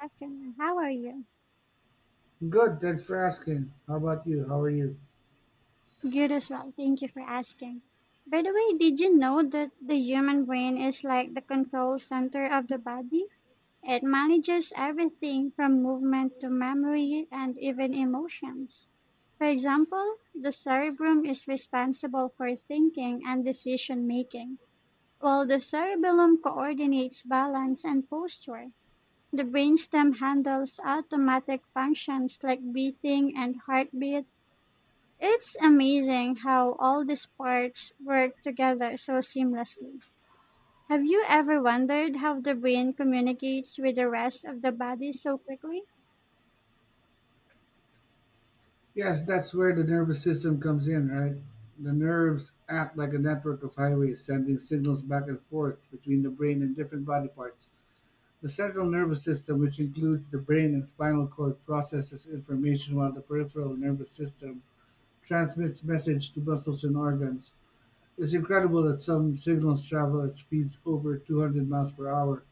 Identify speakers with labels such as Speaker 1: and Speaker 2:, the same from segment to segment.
Speaker 1: Afternoon. How are you?
Speaker 2: Good, thanks for asking. How about you? How are you?
Speaker 1: Good as well. Thank you for asking. By the way, did you know that the human brain is like the control center of the body? It manages everything from movement to memory and even emotions. For example, the cerebrum is responsible for thinking and decision making, while the cerebellum coordinates balance and posture. The brainstem handles automatic functions like breathing and heartbeat. It's amazing how all these parts work together so seamlessly. Have you ever wondered how the brain communicates with the rest of the body so quickly?
Speaker 2: Yes, that's where the nervous system comes in, right? The nerves act like a network of highways sending signals back and forth between the brain and different body parts. The central nervous system, which includes the brain and spinal cord, processes information while the peripheral nervous system transmits message to muscles and organs. It's incredible that some signals travel at speeds over 200 miles per hour.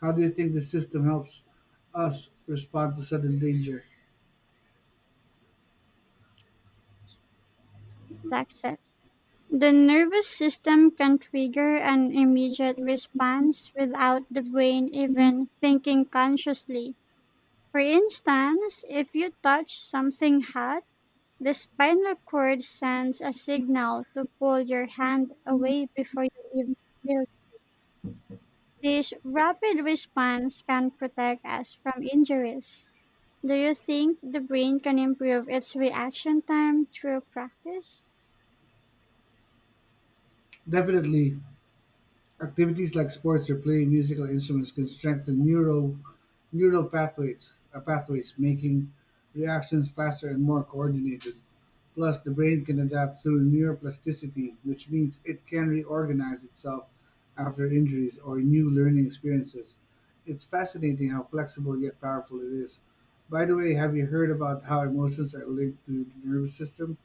Speaker 2: How do you think the system helps us respond to sudden danger?
Speaker 1: Plexus. The nervous system can trigger an immediate response without the brain even thinking consciously. For instance, if you touch something hot, the spinal cord sends a signal to pull your hand away before you even feel. This rapid response can protect us from injuries. Do you think the brain can improve its reaction time through practice?
Speaker 2: Definitely, activities like sports or playing musical instruments can strengthen neural pathways, making reactions faster and more coordinated. Plus, the brain can adapt through neuroplasticity, which means it can reorganize itself after injuries or new learning experiences. It's fascinating how flexible yet powerful it is. By the way, have you heard about how emotions are linked to the nervous system?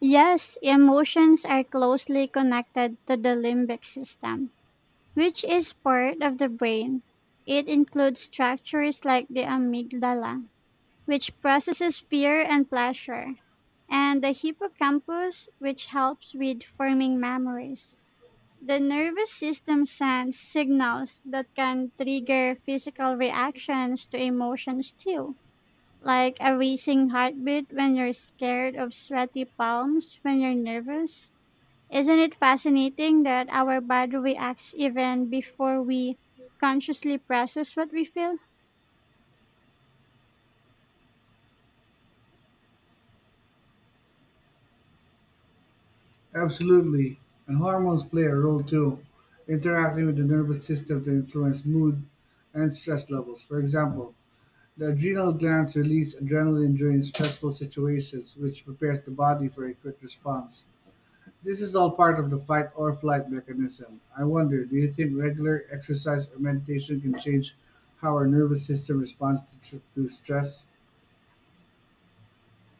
Speaker 1: Yes, emotions are closely connected to the limbic system, which is part of the brain. It includes structures like the amygdala, which processes fear and pleasure, and the hippocampus, which helps with forming memories. The nervous system sends signals that can trigger physical reactions to emotions too, like a racing heartbeat when you're scared of sweaty palms when you're nervous. Isn't it fascinating that our body reacts even before we consciously process what we feel?
Speaker 2: Absolutely. And hormones play a role too, interacting with the nervous system to influence mood and stress levels. For example, the adrenal glands release adrenaline during stressful situations, which prepares the body for a quick response. This is all part of the fight or flight mechanism. I wonder, do you think regular exercise or meditation can change how our nervous system responds to stress?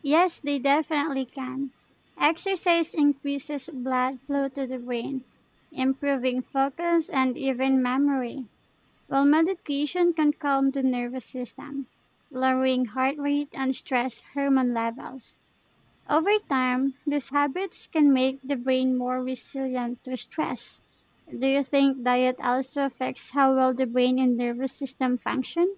Speaker 1: Yes, they definitely can. Exercise increases blood flow to the brain, improving focus and even memory, while meditation can calm the nervous system, lowering heart rate and stress hormone levels. Over time, these habits can make the brain more resilient to stress. Do you think diet also affects how well the brain and nervous system function?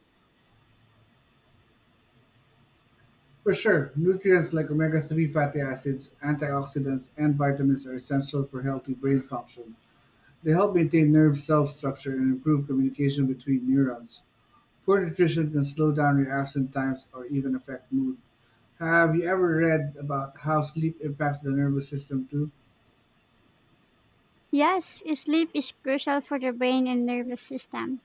Speaker 2: For sure, nutrients like omega 3 fatty acids, antioxidants, and vitamins are essential for healthy brain function. They help maintain nerve cell structure and improve communication between neurons. Poor nutrition can slow down reaction times or even affect mood. Have you ever read about how sleep impacts the nervous system too?
Speaker 1: Yes, sleep is crucial for the brain and nervous system.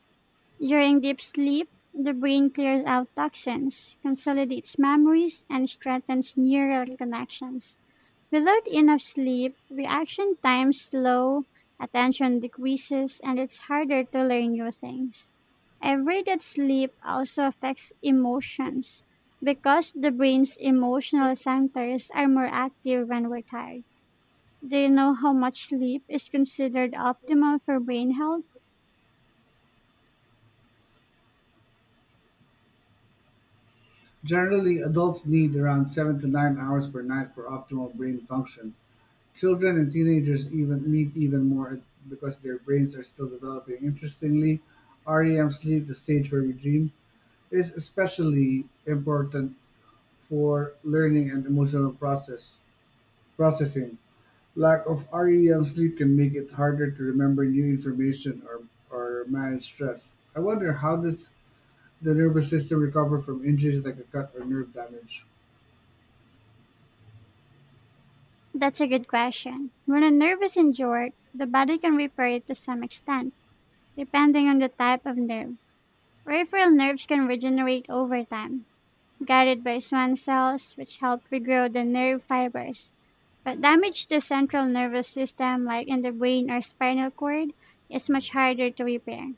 Speaker 1: During deep sleep, the brain clears out toxins, consolidates memories, and strengthens neural connections. Without enough sleep, reaction times slow, attention decreases, and it's harder to learn new things. I've read that sleep also affects emotions because the brain's emotional centers are more active when we're tired. Do you know how much sleep is considered optimal for brain health?
Speaker 2: Generally, adults need around 7 to 9 hours per night for optimal brain function. Children and teenagers even more because their brains are still developing. Interestingly, REM sleep, the stage where we dream, is especially important for learning and emotional processing. Lack of REM sleep can make it harder to remember new information or manage stress. I wonder, how does the nervous system recover from injuries like a cut or nerve damage?
Speaker 1: That's a good question. When a nerve is injured, the body can repair it to some extent, depending on the type of nerve. Peripheral nerves can regenerate over time, guided by Schwann cells, which help regrow the nerve fibers. But damage to central nervous system, like in the brain or spinal cord, is much harder to repair.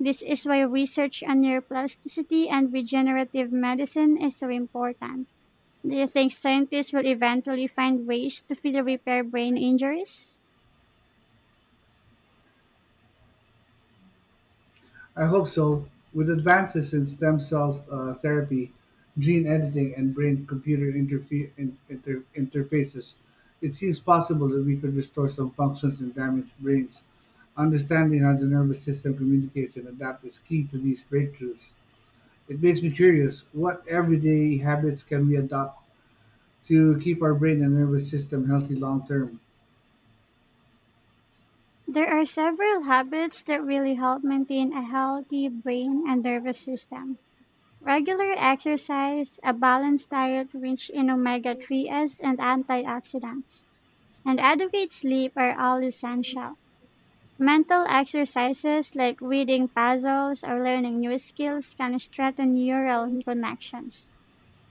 Speaker 1: This is why research on neuroplasticity and regenerative medicine is so important. Do you think scientists will eventually find ways to further repair brain injuries?
Speaker 2: I hope so. With advances in stem cells therapy, gene editing, and brain computer interfaces, it seems possible that we could restore some functions in damaged brains. Understanding how the nervous system communicates and adapts is key to these breakthroughs. It makes me curious, what everyday habits can we adopt to keep our brain and nervous system healthy long term?
Speaker 1: There are several habits that really help maintain a healthy brain and nervous system. Regular exercise, a balanced diet rich in omega 3s and antioxidants, and adequate sleep are all essential. Mental exercises like reading puzzles or learning new skills can strengthen neural connections.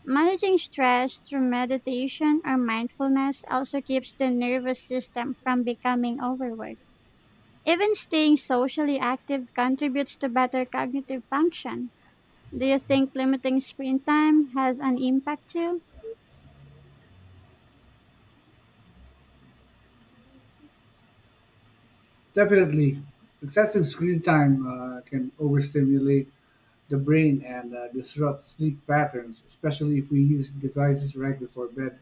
Speaker 1: Managing stress through meditation or mindfulness also keeps the nervous system from becoming overworked. Even staying socially active contributes to better cognitive function. Do you think limiting screen time has an impact too?
Speaker 2: Definitely, excessive screen time can overstimulate the brain and disrupt sleep patterns, especially if we use devices right before bed.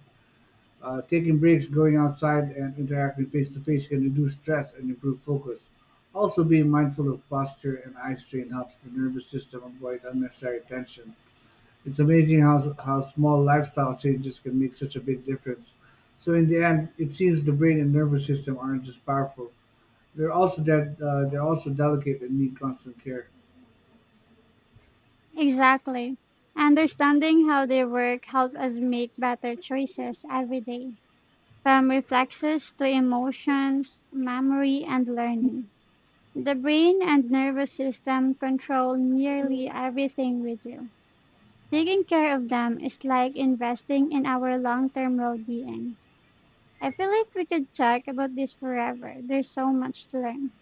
Speaker 2: Taking breaks, going outside, and interacting face to face can reduce stress and improve focus. Also, being mindful of posture and eye strain helps the nervous system avoid unnecessary tension. It's amazing how small lifestyle changes can make such a big difference. So, in the end, it seems the brain and nervous system aren't just powerful; they're also they're also delicate and need constant care.
Speaker 1: Exactly. Understanding how they work helps us make better choices every day, from reflexes to emotions, memory, and learning. The brain and nervous system control nearly everything we do. Taking care of them is like investing in our long term well being. I feel like we could talk about this forever. There's so much to learn.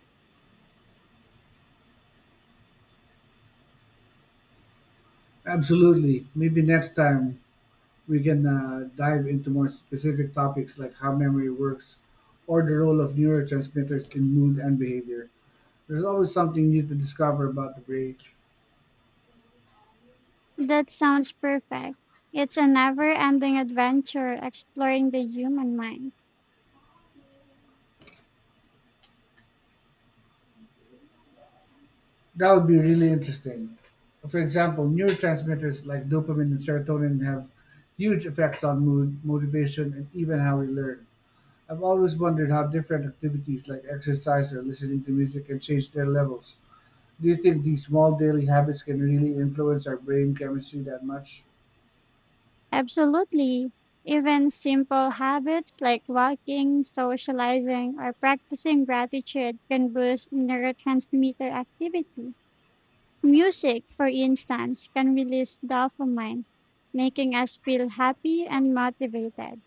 Speaker 2: Absolutely. Maybe next time we can dive into more specific topics like how memory works or the role of neurotransmitters in mood and behavior. There's always something new to discover about the brain.
Speaker 1: That sounds perfect. It's a never ending adventure exploring the human mind.
Speaker 2: That would be really interesting. For example, neurotransmitters like dopamine and serotonin have huge effects on mood, motivation, and even how we learn. I've always wondered how different activities like exercise or listening to music can change their levels. Do you think these small daily habits can really influence our brain chemistry that much?
Speaker 1: Absolutely. Even simple habits like walking, socializing, or practicing gratitude can boost neurotransmitter activity. Music, for instance, can release dopamine, making us feel happy and motivated.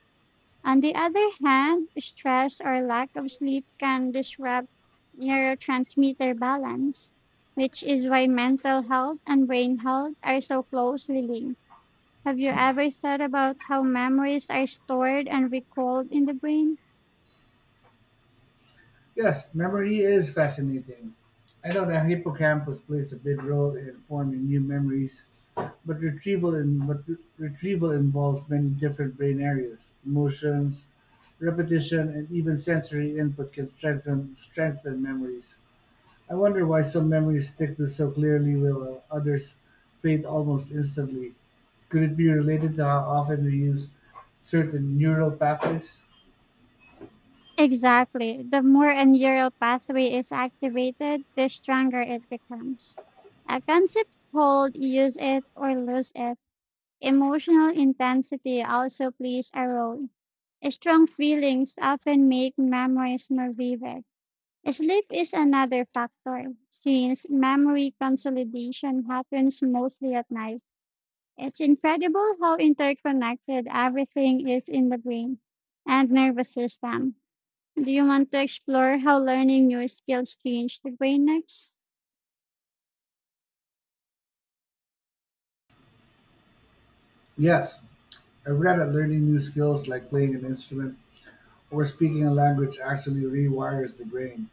Speaker 1: On the other hand, stress or lack of sleep can disrupt neurotransmitter balance, which is why mental health and brain health are so closely linked. Have you ever thought about how memories are stored and recalled in the brain?
Speaker 2: Yes, memory is fascinating. I know the hippocampus plays a big role in forming new memories, but retrieval in, but re- retrieval involves many different brain areas. Emotions, repetition, and even sensory input can strengthen memories. I wonder why some memories stick to so clearly while others fade almost instantly. Could it be related to how often we use certain neural pathways?
Speaker 1: Exactly. The more a neural pathway is activated, the stronger it becomes. A concept called use it or lose it. Emotional intensity also plays a role. Strong feelings often make memories more vivid. Sleep is another factor. Since memory consolidation happens mostly at night, it's incredible how interconnected everything is in the brain and nervous system. Do you want to explore how learning new skills change the brain next?
Speaker 2: Yes, I've read that learning new skills like playing an instrument or speaking a language actually rewires the brain.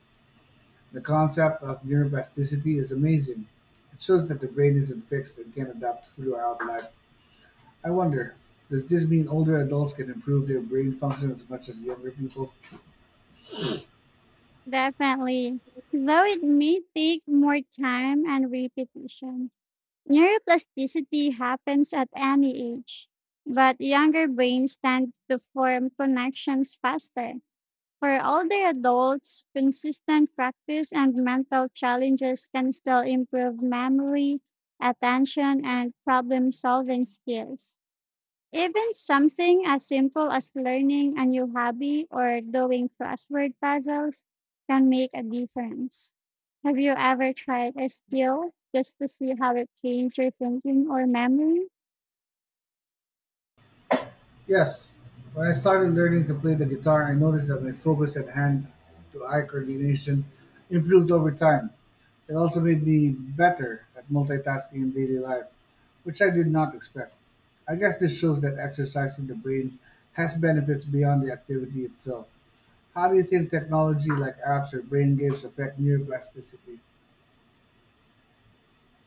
Speaker 2: The concept of neuroplasticity is amazing. It shows that the brain isn't fixed and can adapt throughout life. I wonder, does this mean older adults can improve their brain function as much as younger people?
Speaker 1: Definitely, though it may take more time and repetition. Neuroplasticity happens at any age, but younger brains tend to form connections faster. For older adults, consistent practice and mental challenges can still improve memory, attention, and problem solving skills. Even something as simple as learning a new hobby or doing crossword puzzles can make a difference. Have you ever tried a skill just to see how it changed your thinking or memory?
Speaker 2: Yes. When I started learning to play the guitar, I noticed that my focus and hand to eye coordination improved over time. It also made me better at multitasking in daily life, which I did not expect. I guess this shows that exercising the brain has benefits beyond the activity itself. How do you think technology like apps or brain games affect neuroplasticity?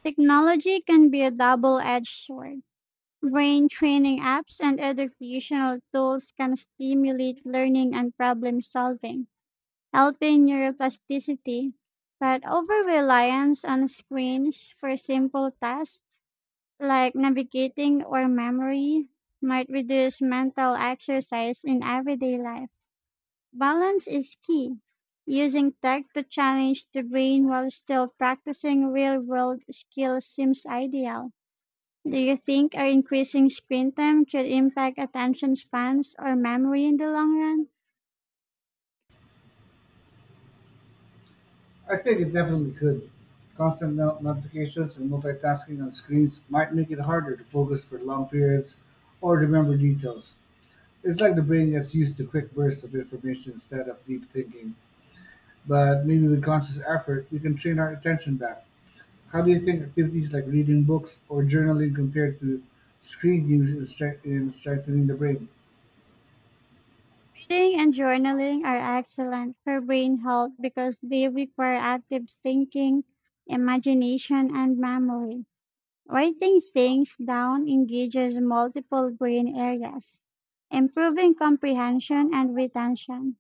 Speaker 1: Technology can be a double edged sword. Brain training apps and educational tools can stimulate learning and problem solving, helping neuroplasticity. But over reliance on screens for simple tasks like navigating or memory might reduce mental exercise in everyday life. Balance is key. Using tech to challenge the brain while still practicing real world skills seems ideal. Do you think our increasing screen time could impact attention spans or memory in the long run?
Speaker 2: I think it definitely could. Constant notifications and multitasking on screens might make it harder to focus for long periods or remember details. It's like the brain gets used to quick bursts of information instead of deep thinking. But maybe with conscious effort, we can train our attention back. How do you think activities like reading books or journaling compared to screen use in strengthening the brain?
Speaker 1: Reading and journaling are excellent for brain health because they require active thinking, imagination, and memory. Writing things down engages multiple brain areas, improving comprehension and retention.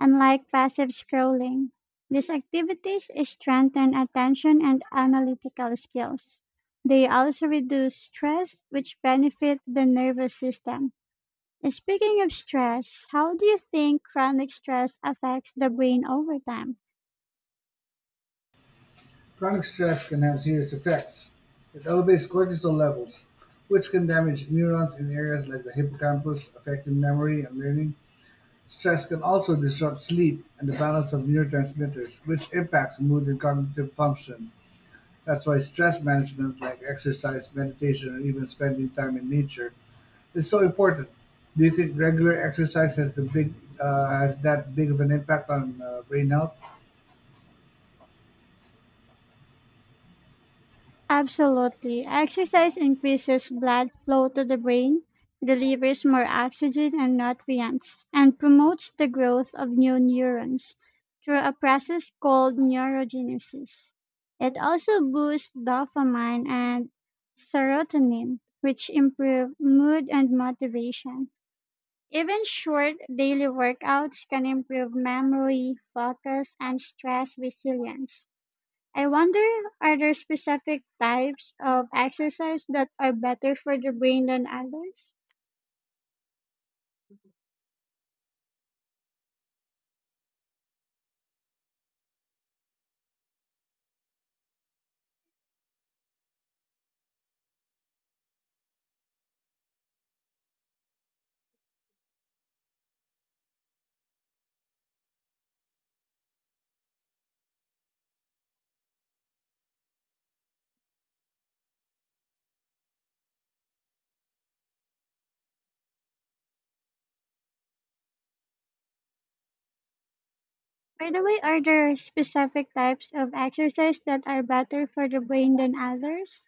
Speaker 1: Unlike passive scrolling, these activities strengthen attention and analytical skills. They also reduce stress, which benefit the nervous system. Speaking of stress, how do you think chronic stress affects the brain over time?
Speaker 2: Chronic stress can have serious effects. It elevates cortisol levels, which can damage neurons in areas like the hippocampus, affecting memory and learning. Stress can also disrupt sleep and the balance of neurotransmitters, which impacts mood and cognitive function. That's why stress management, like exercise, meditation, or even spending time in nature, is so important. Do you think regular exercise has the big has that big of an impact on brain health?
Speaker 1: Absolutely. Exercise increases blood flow to the brain, delivers more oxygen and nutrients, and promotes the growth of new neurons through a process called neurogenesis. It also boosts dopamine and serotonin, which improve mood and motivation. Even short daily workouts can improve memory, focus, and stress resilience. I wonder, are there specific types of exercise that are better for the brain than others? By the way, are there specific types of exercise that are better for the brain than others?